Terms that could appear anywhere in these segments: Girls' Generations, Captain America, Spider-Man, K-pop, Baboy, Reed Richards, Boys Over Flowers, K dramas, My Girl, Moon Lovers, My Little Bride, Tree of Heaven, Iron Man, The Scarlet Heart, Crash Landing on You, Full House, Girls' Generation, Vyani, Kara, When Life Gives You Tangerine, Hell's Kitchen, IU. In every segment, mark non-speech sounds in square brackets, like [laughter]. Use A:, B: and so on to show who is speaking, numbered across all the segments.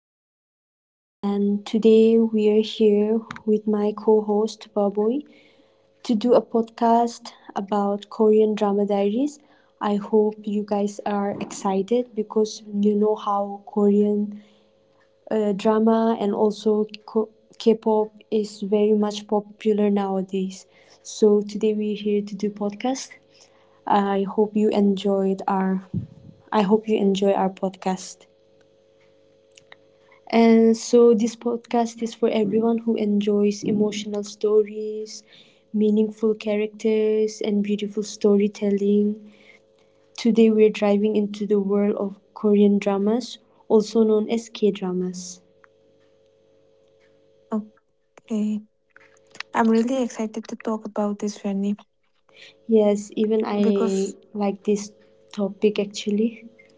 A: Vyani, and today we are here with my co host Baboy to do a podcast about Korean drama diaries. I hope you guys are excited because you know how Korean drama and also K pop is very much popular nowadays. So today we're here to do podcast. I hope you enjoyed our I hope you enjoy our podcast. And so this podcast is for everyone who enjoys emotional stories, meaningful characters, and beautiful storytelling. Today we're driving into the world of Korean dramas, also known as K dramas.
B: Okay. I'm really excited to talk about this journey
A: Yes, even I
B: because
A: like this topic actually.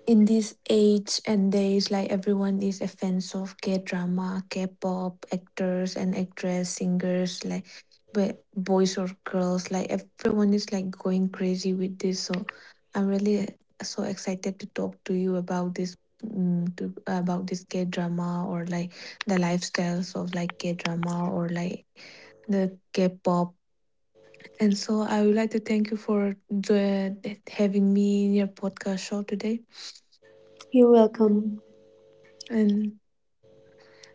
B: in this age and days, like everyone is a fan of K drama, K pop, actors and actress, singers, like but boys or girls, like everyone is like going crazy with this. So I'm really so excited to talk to you about this. To about this K drama or like the lifestyles of like K drama or like the K-pop. And so I would like to thank you for that having me in your podcast show today.
A: You're welcome.
B: And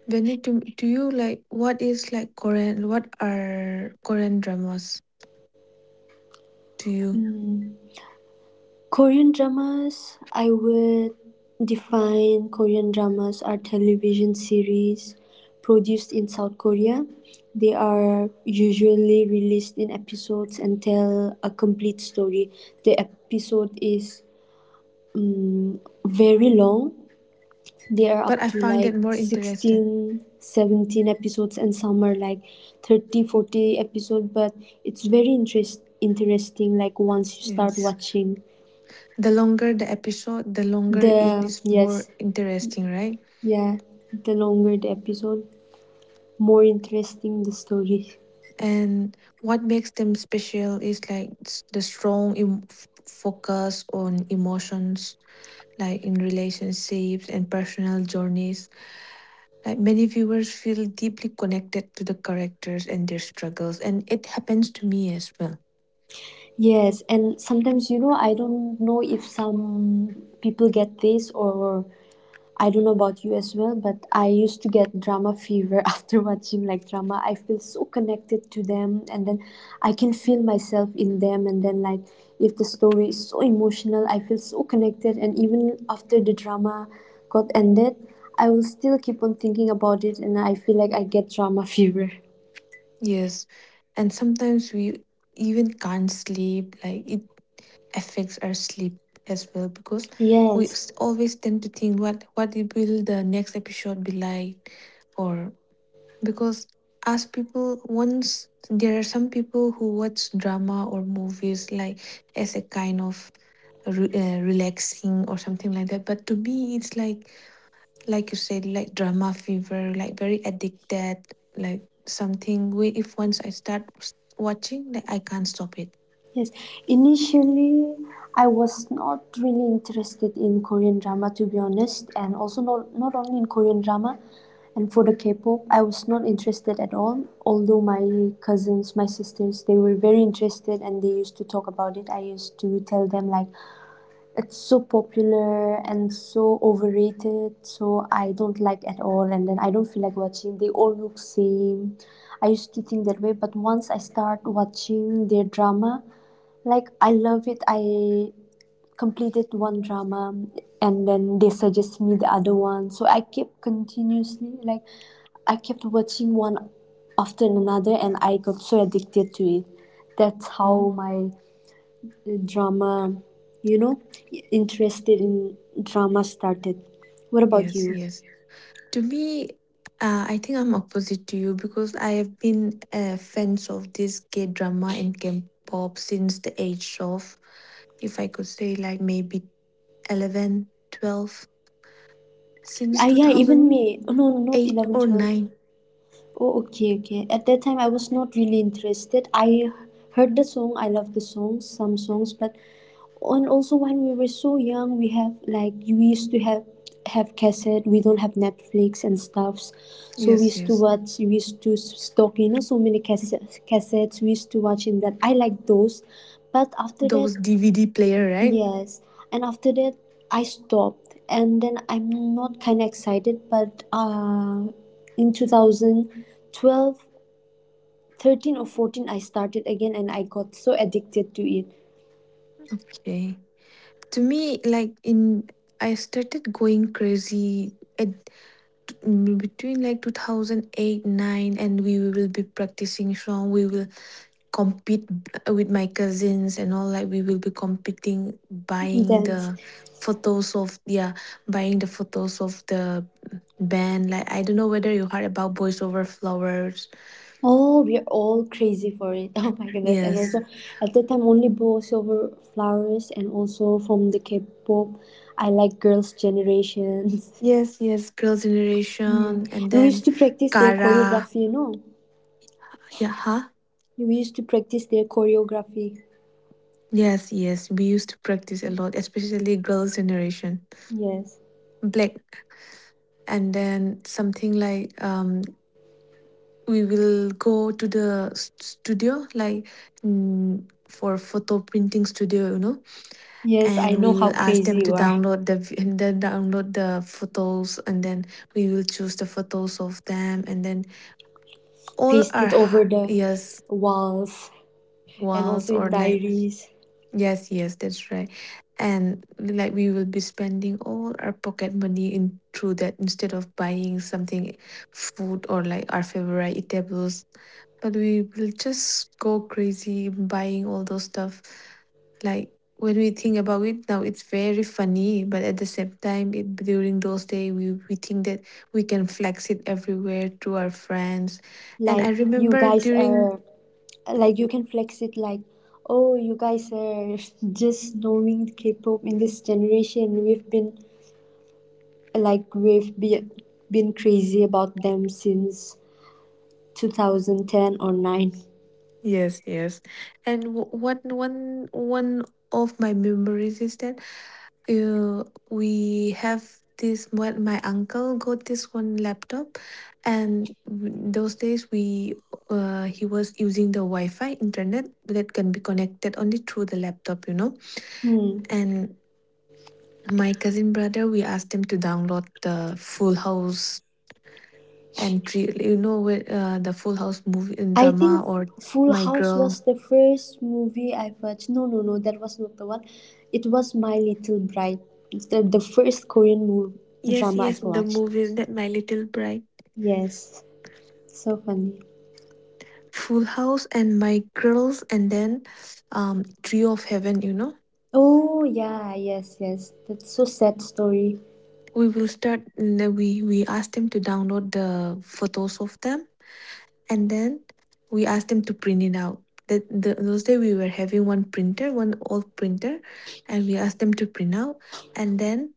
B: Benny, to you, like, what is like Korean, what are Korean dramas to you?
A: Mm. Korean dramas, I would define Korean dramas are television series produced in South Korea. They are usually released in episodes and tell a complete story. The episode is mm, very long. They are
B: But
A: up
B: I
A: to
B: find
A: like
B: it more interested.
A: 16, 17 episodes, and some are like 30, 40 episodes, but it's very interesting like once you start
B: Yes.
A: watching.
B: The longer the episode, the longer it
A: The
B: is more
A: yes,
B: interesting, right?
A: Yeah, the longer the episode, more interesting the story.
B: And what makes them special is like the strong focus on emotions, like in relationships and personal journeys. Like many viewers feel deeply connected to the characters and their struggles, and it happens to me as well.
A: Yes, and sometimes you know I don't know if some people get this or I don't know about you as well, but I used to get drama fever [laughs] after watching like drama. I feel so connected to them and then I can feel myself in them and then like if the story is so emotional, I feel so connected and even after the drama got ended, I will still keep on thinking about it and I feel like I get drama [laughs] fever.
B: Yes, and sometimes we even can't sleep, like it affects our sleep as well because we
A: Yes,
B: always tend to think what it will the next episode be like, or because as people once there are some people who watch drama or movies like as a kind of relaxing or something like that, but to me it's like you said, like drama fever, like very addicted, like something where if once I start watching, like I can't stop it.
A: yes. Initially, I was not really interested in Korean drama, to be honest, and also not only in Korean drama. And for the K-pop, I was not interested at all. Although my cousins, my sisters, they were very interested and they used to talk about it. I used to tell them like, it's so popular and so overrated, so I don't like at all. And then I don't feel like watching. They all look same. I used to think that way, but once I start watching their drama, like I love it. I completed one drama, and then they suggest me the other one. So I kept continuously like I kept watching one after another, and I got so addicted to it. That's how
B: Oh,
A: my drama, you know, interested in drama started. What about
B: yes,
A: you?
B: yes. To me, I think I'm opposite to you because I have been a fans of this K drama and K pop since the age of, if I could say, like maybe 11, 12. Since
A: Ah, yeah, even me. Oh, no, not
B: 2008
A: eleven
B: or
A: twelve.
B: 9.
A: Oh, okay, okay. At that time, I was not really interested. I heard the song. I love the songs, some songs, but and also when we were so young, we used to have cassette. We don't have Netflix and stuffs, so we
B: Yes,
A: used to
B: yes.
A: watch. We used to stock, so many cassettes. Cassettes we used to watch in that. I like those, but after that,
B: Those DVD player, right?
A: yes, and after that I stopped, and then I'm not kind of excited, but in 2012, 13, or 14, I started again, and I got so addicted to it.
B: Okay. To me like in I started going crazy at between like 2008 9, and we will be practicing song, we will compete with my cousins and all, like we will be competing buying
A: Dance.
B: the photos of, yeah, buying the photos of the band. Like I don't know whether you heard about Boys Over Flowers.
A: Oh, we're all crazy for it. [laughs] Oh my goodness! And
B: Yes,
A: also, at that time, only Bo Silver Flowers, and also from the K-pop, I like Girls' Generations. [laughs]
B: yes, yes, Girls'
A: Yeah.
B: Generation, and
A: And we
B: then
A: used to practice their
B: Kara,
A: choreography. You know,
B: yeah, huh.
A: we used to practice their choreography.
B: Yes, yes, we used to practice a lot, especially Girls' Generation.
A: Yes.
B: Black, and then something like we will go to the studio, like for photo printing studio, you know,
A: Yes, I
B: and
A: know
B: we
A: how
B: will ask them
A: crazy
B: to
A: you are.
B: download the and then download the photos, and then we will choose the photos of them, and then all our
A: Pasted over the
B: yes,
A: walls and
B: walls
A: also in
B: or like.
A: diaries.
B: Yes, yes, that's right. And like we will be spending all our pocket money in through that instead of buying something food or like our favorite eatables. But we will just go crazy buying all those stuff. Like when we think about it now, it's very funny, but at the same time, it during those days we think that we can flex it everywhere to our friends. And I
A: Like you
B: remember
A: guys
B: during,
A: are like you can flex it, oh, you guys are [laughs] just knowing K-pop in this generation. We've been like we've be, been crazy about them since 2010 or 9.
B: yes, yes. And what one of my memories is that uh, we have this what my uncle got this one laptop, and those days we he was using the Wi-Fi internet that can be connected only through the laptop, you know.
A: Hmm.
B: And my cousin brother, we asked him to download the Full House and three, you know, where, the Full House movie and
A: I
B: drama,
A: think
B: or
A: Full
B: My
A: House
B: Girl.
A: was the first movie I watched. No, no, no, that was not the one. It was My Little Bride, the first Korean movie
B: Yes,
A: drama
B: yes,
A: I've
B: the
A: watched.
B: movies that My Little Bride,
A: Yes, so funny.
B: Full House, and My Girls, and then Tree of Heaven. You know,
A: Oh, yeah, yes, yes. That's so sad story. [laughs]
B: we will start. We asked them to download the photos of them, and then we asked them to print it out. That the, those days we were having one printer, one old printer, and we asked them to print out, and then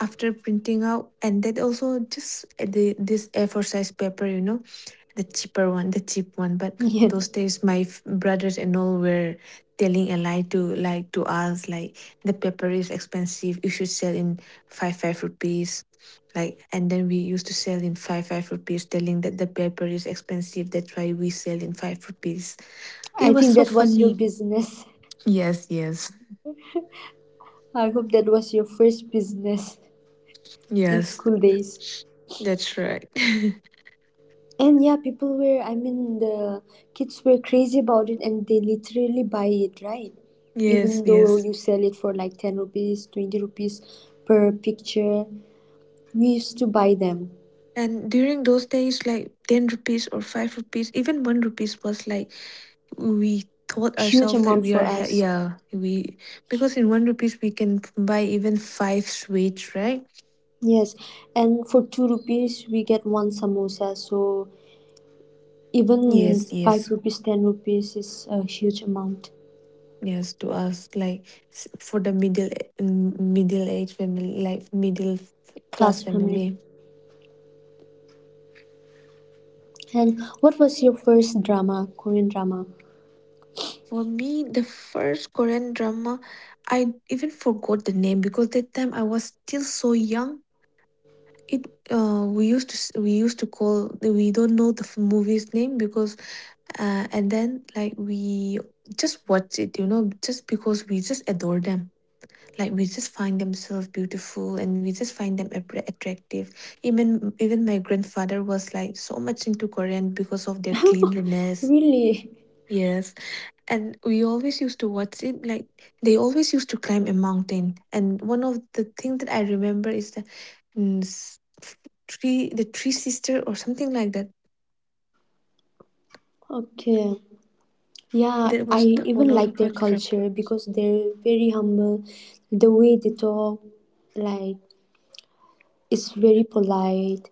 B: after printing out, and that also just the this A4 size paper, you know, the cheaper one, the cheap one. But
A: Yeah,
B: those days, my brothers and all were telling a lie to like to us, like the paper is expensive. You should sell in five five rupees. Like and then we used to sell in five five rupees, telling that the paper is expensive. That's why we sell in 5 rupees. It
A: I
B: was
A: think
B: so
A: that was your
B: funny.
A: business.
B: Yes, yes,
A: [laughs] I hope that was your first business in
B: yes.
A: school days.
B: That's right. [laughs]
A: And yeah, people were, I mean, the kids were crazy about it and they literally buy it, right?
B: yes,
A: Even though
B: yes.
A: you sell it for like 10 rupees, 20 rupees per picture, we used to buy them.
B: And during those days, like 10 rupees or 5 rupees, even 1 rupees was like we taught
A: Huge
B: ourselves that
A: amount
B: we
A: for
B: are
A: us.
B: yeah we because in 1 rupees we can buy even five sweets, right?
A: Yes. And for 2 rupees, we get one samosa. So even
B: Yes,
A: 5
B: yes,
A: rupees, 10 rupees is a huge amount.
B: yes. To us, like for the middle age family, like middle class
A: Class
B: family.
A: family. And what was your first drama, Korean drama?
B: For me the first korean drama I even forgot the name because that time I was still so young. It we used to we used to call, we don't know the movie's name because and then like we just watch it, you know, just because we just adore them, like we just find themselves beautiful and we just find them attractive. Even my grandfather was like so much into korean because of their
A: [laughs]
B: cleanliness.
A: Really?
B: Yes. And we always used to watch it like they always used to climb a mountain, and one of the things that I remember is the mm, s- f- three the three sister or something like that.
A: Okay. Yeah,
B: That
A: I
B: was the
A: even
B: one of the
A: like their
B: first trip,
A: culture because they're very humble. The way they talk, like, is very polite.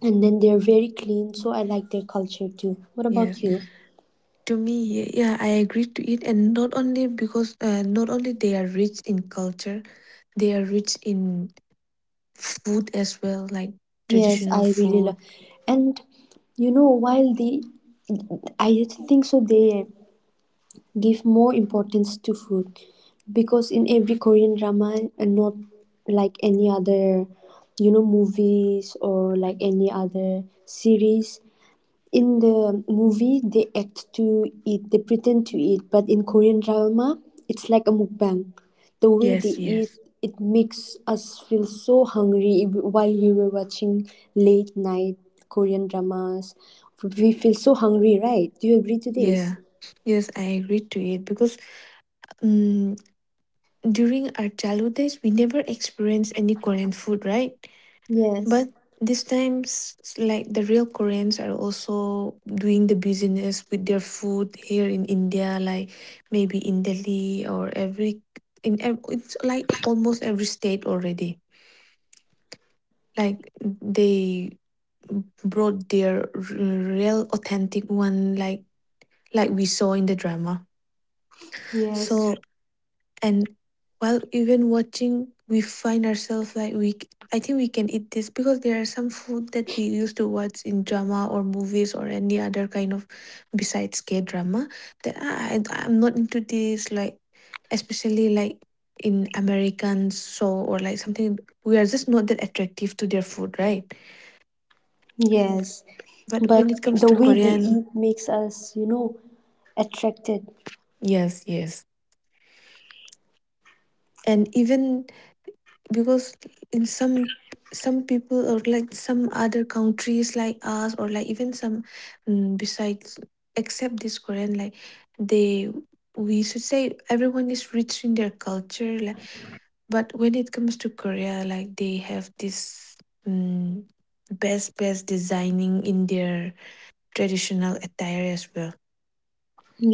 A: And then they're very clean, so I like their culture too. What about
B: yes.
A: you?
B: To me, yeah, I agree to it, and not only because not only they are rich in culture, they are rich in food as well, like
A: Yes,
B: traditional
A: I really
B: food.
A: love. And you know, while they, I think so, they give more importance to food, because in every Korean drama, and not like any other, you know, movies or like any other series, in the movie they act to eat, they pretend to eat, but in Korean drama it's like a mukbang, the way
B: Yes,
A: they eat,
B: yes,
A: it makes us feel so hungry while we were watching late night Korean dramas. We feel so hungry, right? Do you agree to this?
B: yeah, yes, I agree to it because um, during our childhood days, we never experienced any Korean food, right?
A: Yes,
B: But these times, like the real Koreans are also doing the business with their food here in India, like maybe in Delhi or every in it's like almost every state already. Like they brought their real authentic one, like we saw in the drama.
A: yes,
B: So and while even watching we find ourselves like we I think we can eat this because there are some food that we used to watch in drama or movies or any other kind of besides K drama, that I'm not into this, like especially like in american show or like something, we are just not that attractive to their food, right?
A: yes.
B: But
A: But
B: when it comes
A: the
B: to
A: way they
B: korean.
A: eat makes us, attracted.
B: Yes, yes, and even because in some people or like some other countries like us or like even some besides except this korean, like they we should say everyone is rich in their culture, like but when it comes to korea, like they have this mm best designing in their traditional attire as well.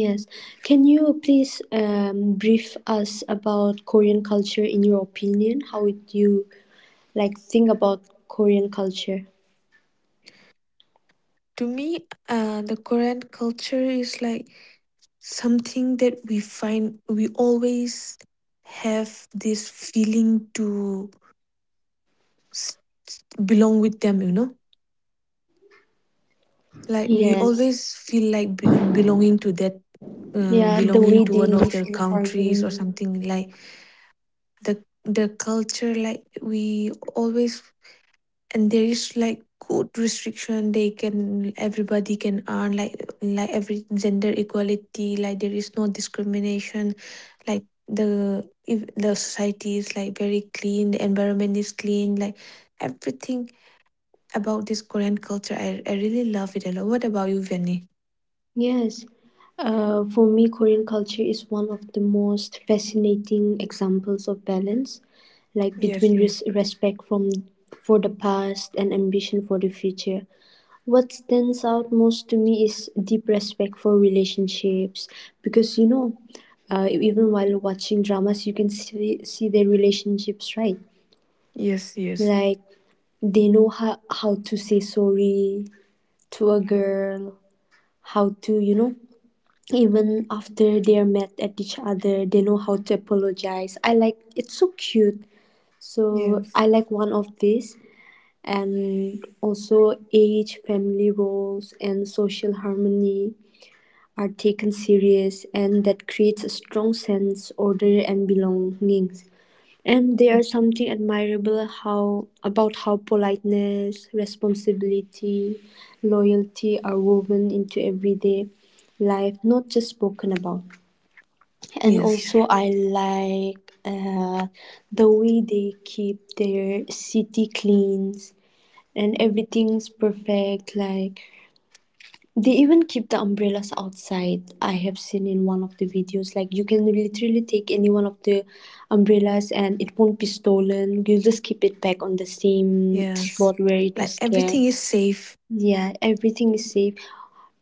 A: Yes. Can you please brief us about Korean culture in your opinion? How would you like think about Korean culture?
B: To me, the Korean culture is like something that we find we always have this feeling to s- belong with them, you know? Like we
A: Yes.
B: always feel like belonging to that,
A: Yeah, the
B: belonging
A: way
B: to
A: they
B: one of
A: live
B: their
A: in
B: countries or
A: harmony.
B: something like the culture, like we always, and there is like good restriction, they can everybody can earn, like every gender equality, like there is no discrimination, like the if the society is like very clean, the environment is clean, like everything about this korean culture, I really love it a lot. What about you, Vianney?
A: Yes, for me, Korean culture is one of the most fascinating examples of balance, like
B: Yes,
A: between
B: yeah.
A: respect from for the past and ambition for the future. What stands out most to me is deep respect for relationships, because you know, even while watching dramas, you can see their relationships, right?
B: Yes, yes.
A: Like they know how to say sorry to a girl, how to, you know, even after they're mad at each other, they know how to apologize. I like, it's so cute. So
B: Yes.
A: I like one of these. And also age family roles and social harmony are taken serious, and that creates a strong sense order and belongings. And there are something admirable how about how politeness, responsibility, loyalty are woven into everyday life, not just spoken about. And
B: Yes.
A: also I like the way they keep their city clean and everything's perfect. Like they even keep the umbrellas outside. I have seen in one of the videos. Like you can literally take any one of the umbrellas and it won't be stolen. You just keep it back on the same
B: Yes.
A: spot where it
B: Like
A: was
B: everything is
A: kept.
B: safe.
A: Yeah, everything is safe.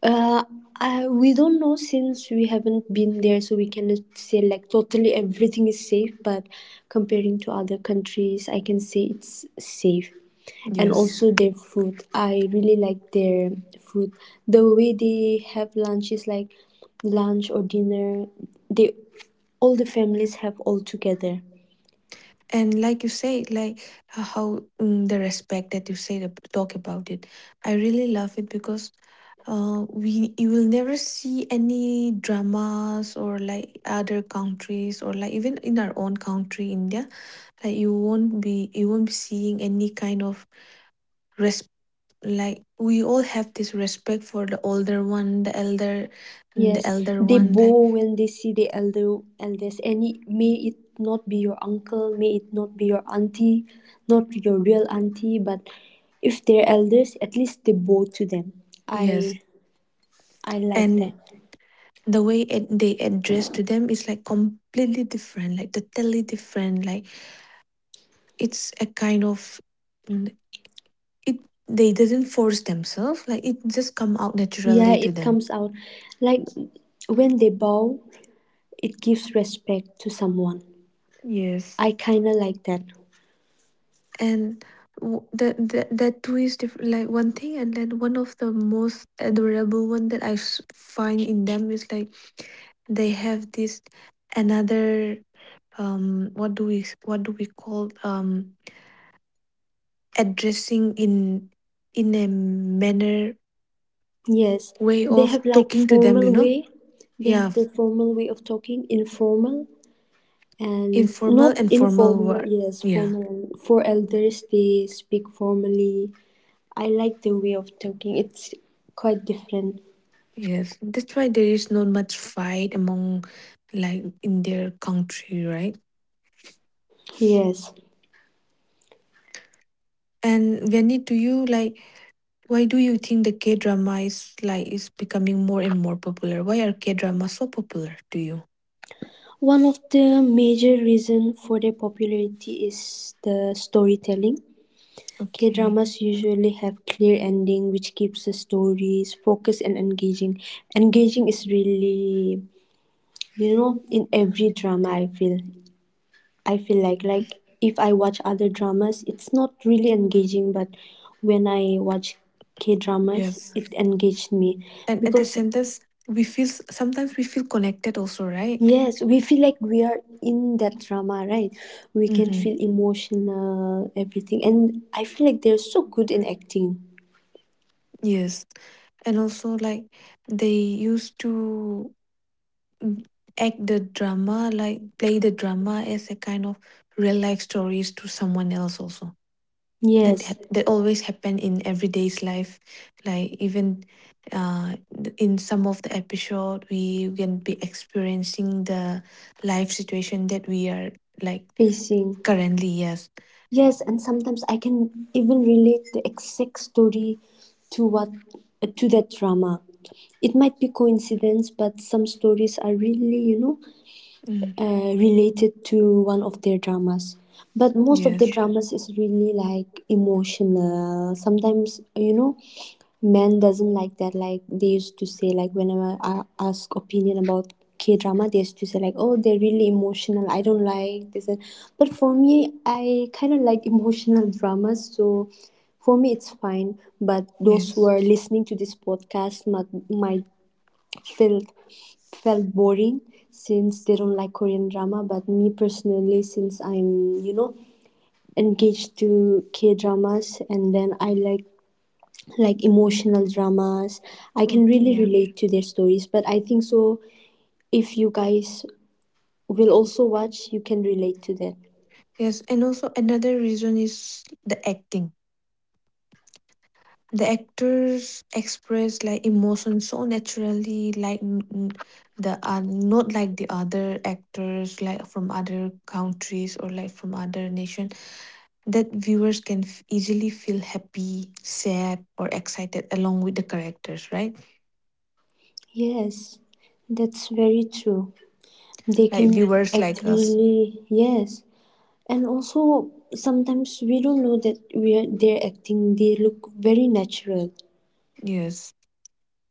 A: Uh, I, we don't know since we haven't been there, so we cannot say like totally everything is safe. But comparing to other countries, I can say it's safe. And
B: Yes.
A: also their food, I really like their food. The way they have lunch is like lunch or dinner. They all the families have all together.
B: And like you say, like h- how the respect that you say to talk about it, I really love it because we you will never see any dramas or like other countries or like even in our own country, India, like you won't be seeing any kind of res. Like we all have this respect for the older one, the elder, and the
A: Yes,
B: elder
A: they
B: one.
A: bow
B: Like
A: when they see the elders, and it, may it not be your uncle, may it not be your auntie, not your real auntie, but if they're elders, at least they bow to them.
B: yes,
A: I I like that.
B: and the way they address to them is like completely different, like totally different, like it's a kind of mm, it they didn't force themselves, like it just come out
A: Yeah,
B: naturally to
A: it
B: them.
A: comes out like when they bow, it gives respect to someone.
B: Yes.
A: I kinda like that.
B: And the that too is different. Like one thing, and then one of the most adorable one that I find in them is like they have this another what do we call addressing in a manner
A: Yes,
B: way
A: they
B: of
A: have like
B: talking to them, you
A: formal
B: know.
A: way. They
B: Yeah,
A: have their formal way of talking, informal. And
B: informal
A: not
B: and formal
A: informal,
B: word,
A: yes,
B: yeah.
A: formal, and for elders they speak formally. I like the way of talking, it's quite different.
B: Yes, that's why there is not much fight among like in their country, right?
A: Yes,
B: And Vianney, do you like why do you think the K drama is like is becoming more and more popular? Why are K dramas so popular to you?
A: one of the major reason for their popularity is the storytelling. K
B: Okay.
A: dramas usually have clear ending which keeps the stories focused and engaging. Engaging is really, in every drama I feel like if I watch other dramas, it's not really engaging, but when I watch K dramas,
B: Yes.
A: it engaged me.
B: And at the
A: Because
B: same time, we feel sometimes we feel connected also, right?
A: yes, we feel like we are in that drama, right? We can
B: Mm-hmm.
A: feel emotional, everything, and I feel like they're so good in acting.
B: Yes. And also, like, they used to mm, act the drama, like, play the drama as a kind of real life stories to someone else, also.
A: Yes,
B: That always happen in everyday's life. Like, even in some of the episode, we can be experiencing the life situation that we are, like,
A: pacing.
B: currently, yes.
A: Yes, and sometimes I can even relate the exact story to what to that drama. It might be coincidence, but some stories are really, you know,
B: Mm,
A: related to one of their dramas. But most of the
B: yes.
A: dramas is really like emotional sometimes, you know, men doesn't like that. Like they used to say like, whenever I ask opinion about K drama, they used to say like, oh, they're really emotional, I don't like this. And but for me I kind of like emotional dramas, so for me it's fine. But those who are
B: Yes.
A: listening to this podcast might felt felt boring since they don't like Korean drama. But me personally, since I'm, you know, engaged to K dramas, and then I like emotional dramas, I can
B: Okay,
A: really
B: yeah.
A: relate to their stories. But I think so. If you guys will also watch, you can relate to that.
B: Yes, and also another reason is the acting. The actors express like emotion so naturally, like n- n- the not like the other actors like from other countries or like from other nation that viewers can easily feel happy, sad, or excited along with the characters, right?
A: Yes, that's very true. They can
B: Like viewers
A: act
B: like us,
A: really, yes. And also sometimes we don't know that we are they're acting. They look very natural.
B: yes.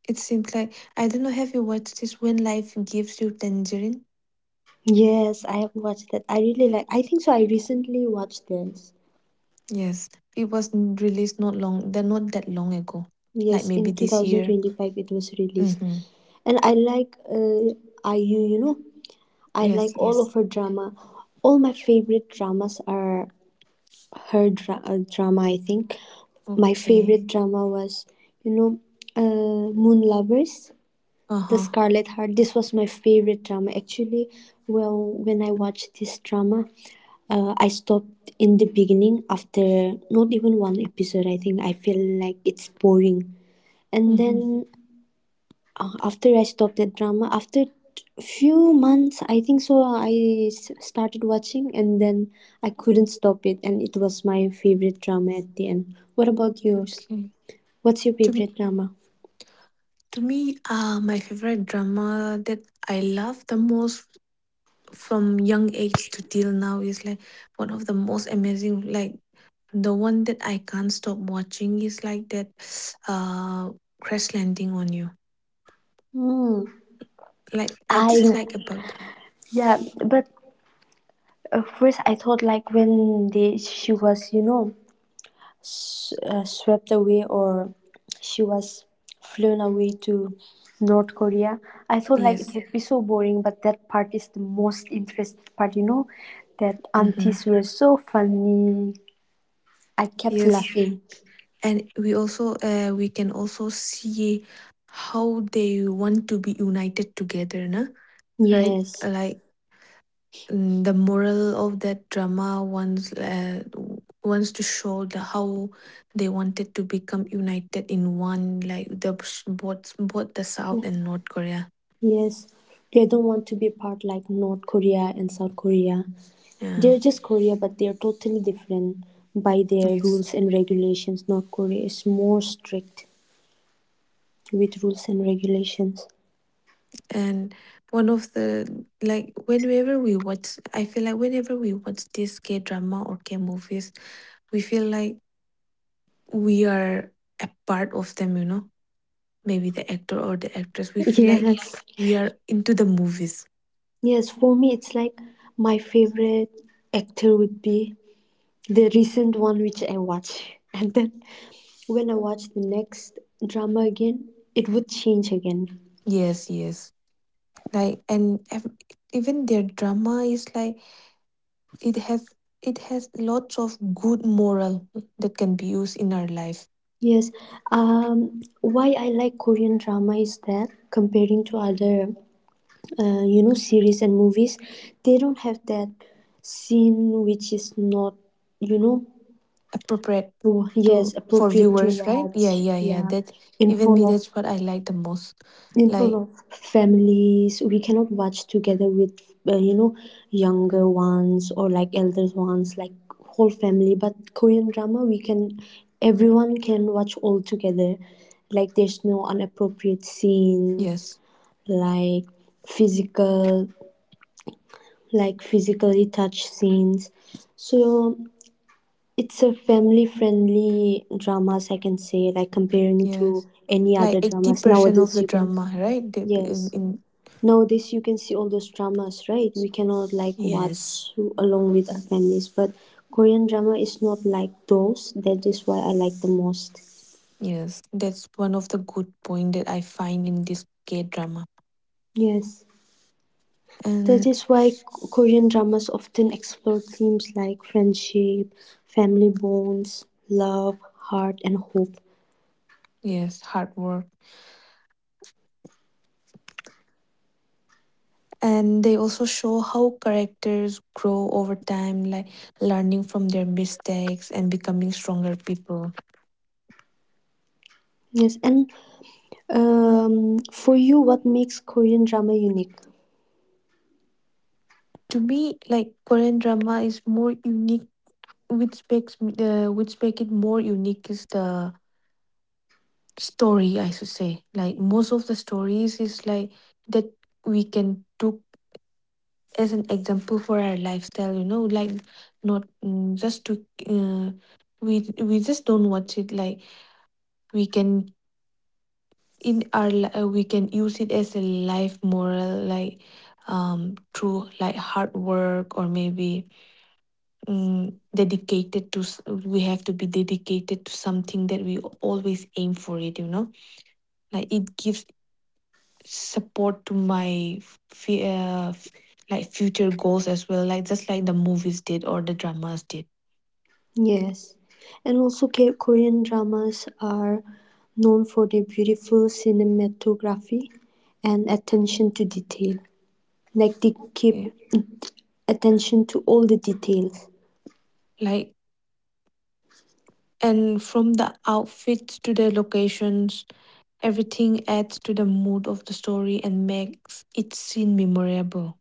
B: It seems like I don't know. Have you watched this? When life gives you tangerine,
A: Yes, I have watched that. I really like, I think so, I recently watched this.
B: yes, it was released not long. They're not that long ago,
A: Yes,
B: like
A: in
B: maybe this year.
A: 2025 it was released.
B: Mm-hmm.
A: And I like IU, you know, I
B: Yes,
A: like all
B: yes.
A: of her drama. All my favorite dramas are her drama, I think. My
B: Okay.
A: favorite drama was, you know, Moon Lovers, The
B: Uh-huh.
A: Scarlet Heart. This was my favorite drama. Actually, well, when I watched this drama, I stopped in the beginning after not even one episode. I think I feel like it's boring. And then
B: Mm-hmm.
A: after I stopped that drama, after few months, I think so, started watching, and then I couldn't stop it. And it was my favorite drama at the end. What about yours?
B: Okay.
A: What's your
B: To
A: favorite drama?
B: to me, my favorite drama that I love the most from young age to till now is like one of the most amazing. Like the one that I can't stop watching is like that, [sniffs] uh, Crash Landing on You.
A: Hmm.
B: Like I just
A: I,
B: like about
A: yeah, but at first, I thought like when they, she was, you know, swept away, or she was flown away to North Korea, I thought like it
B: yes.
A: would be so boring. But that part is the most interesting part, you know. That
B: Mm-hmm.
A: aunties were so funny. I kept
B: Yes,
A: laughing.
B: and we also we can also see how they want to be united together, na right?
A: Yes,
B: Like mm, the moral of that drama wants wants to show the how they wanted to become united in one, like the both the South and North Korea.
A: yes. They don't want to be part like North Korea and South Korea.
B: Yeah,
A: They're just Korea, but they're totally different by their
B: yes.
A: rules and regulations. North Korea is more strict with rules and regulations.
B: And one of the like whenever we watch, I feel like whenever we watch this K drama or K movies, we feel like we are a part of them. You know, maybe the actor or the actress. We
A: [laughs]
B: feel like
A: Yes.
B: we are into the movies.
A: Yes, for me, it's like my favorite actor would be the recent one which I watched. [laughs] And then when I watch the next drama again, it would change again.
B: Yes, yes. Like even their drama is like it has it has lots of good moral that can be used in our life
A: Yes. Why I like Korean drama is that comparing to other you know, series and movies, they don't have that scene which is not, you know,
B: appropriate to
A: yes,
B: for
A: appropriate to
B: viewers right
A: watch,
B: yeah yeah yeah
A: yeah.
B: that
A: In
B: even
A: front
B: me
A: of,
B: that's what I like the most
A: in front
B: like
A: of families, we cannot watch together with you know, younger ones or like elder ones, like whole family. But Korean drama, we can, everyone can watch all together. Like there's no inappropriate
B: yes
A: scenes, like physical, like physically touch scenes. So it's a family friendly dramas, I can say, like comparing to
B: yes
A: any
B: like
A: other dramas.
B: 80% of
A: Nowadays
B: the
A: you can,
B: drama right They be
A: yes.
B: in
A: Nowadays you can see all those dramas, right? We cannot like
B: yes
A: watch along with our families, but Korean drama is not like those. That is why I like the most.
B: yes that's one of the good point that I find in this k drama
A: Yes. That
B: and
A: is why Korean dramas often explore themes like friendship, family bonds, love, heart, and hope.
B: yes hard work and they also show how characters grow over time like learning from their mistakes and becoming stronger people
A: Yes, and for you, what makes Korean drama unique?
B: to me like korean drama is more unique which makes me which make it more unique is the story I should say like most of the stories is like that we can took as an example for our lifestyle you know like not mm, just to we just don't watch it like we can in our we can use it as a life moral like through like hard work or maybe dedicated to we have to be dedicated to something that we always aim for it you know like it gives support to my like future goals as well like just like the movies did or the dramas did
A: Yes, and also Korean dramas are known for their beautiful cinematography and attention to detail. Like they keep
B: yeah
A: attention to all the details.
B: like and from the outfits to the locations. Everything adds to the mood of the story and makes each scene memorable.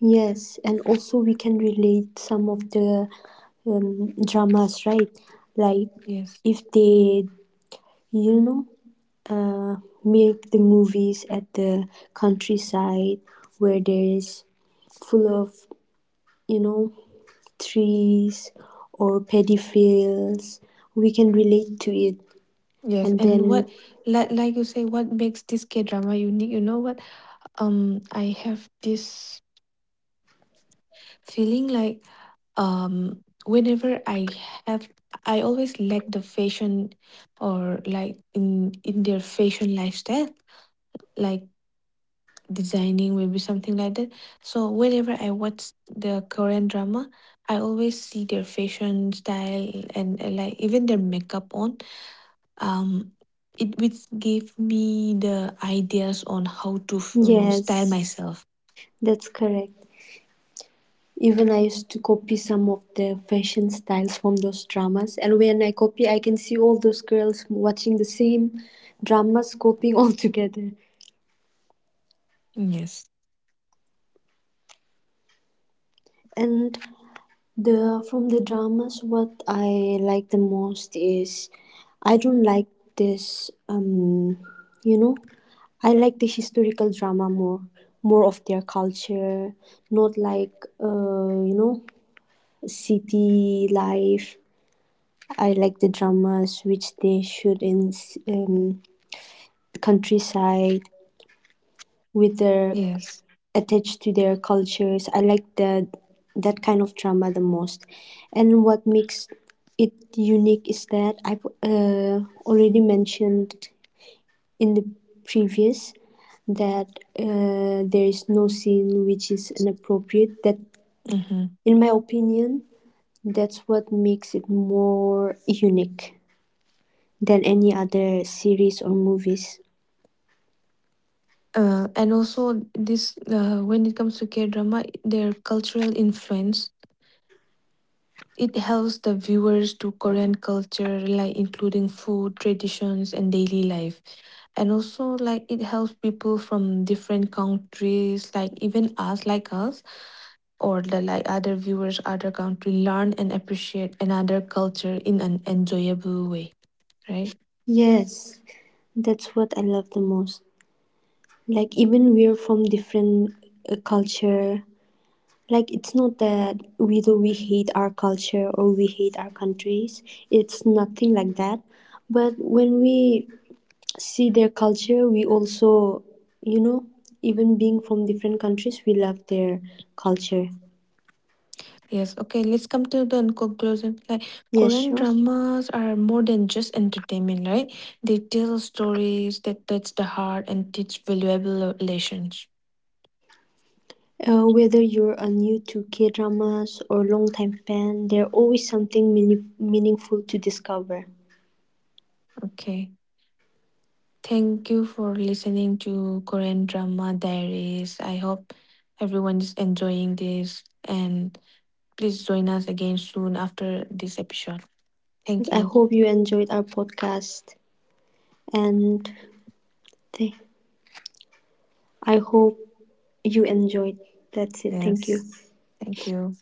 A: Yes, and also we can relate some of the dramas, right? Like
B: Yes.
A: if they, you know, uh, make the movies at the countryside where there is full of, you know, trees or paddy fields, we can relate to it.
B: Yes.
A: And
B: And
A: then
B: what like you say, what makes this K drama unique? You know what? Um, I have this feeling like whenever I have I always like the fashion or like in their fashion lifestyle. Like designing, maybe something like that. So whenever I watch the Korean drama, I always see their fashion style and like even their makeup on. Um, it which gave me the ideas on how to style
A: yes,
B: myself.
A: that's correct. Even I used to copy some of the fashion styles from those dramas, and when I copy I can see all those girls watching the same dramas copying [laughs] all together.
B: Yes.
A: And the from the dramas, what I like the most is I don't like this you know, I like the historical drama more, more of their culture, not like you know, city life. I like the dramas which they shoot in um, countryside with their
B: Yes.
A: attached to their cultures. I like that, that kind of drama the most. And what makes it unique is that I've already mentioned in the previous that there is no scene which is inappropriate. That,
B: Mm-hmm.
A: in my opinion, that's what makes it more unique than any other series or movies.
B: And also this when it comes to K drama, their cultural influence. It helps the viewers to Korean culture, like including food, traditions, and daily life. And also, like, it helps people from different countries, like even us, like us, or the like other viewers, other country, learn and appreciate another culture in an enjoyable way, right?
A: Yes, that's what I love the most. Like even we're from different culture, like it's not that whether we hate our culture or we hate our countries, it's nothing like that. But when we see their culture, we also, you know, even being from different countries, we love their culture.
B: Yes, okay, let's come to the conclusion. Like,
A: Yes,
B: Korean
A: sure.
B: dramas are more than just entertainment, right? They tell stories that touch the heart and teach valuable lessons.
A: Whether you're a new to K dramas or long-time fan, there's always something meaningful to discover.
B: Okay. Thank you for listening to Korean Drama Diaries. I hope everyone is enjoying this and please join us again soon after this episode. Thank
A: I
B: you.
A: hope you enjoyed our podcast and Th- I hope you enjoyed. That's it. Thank you.
B: Yes. Thank you.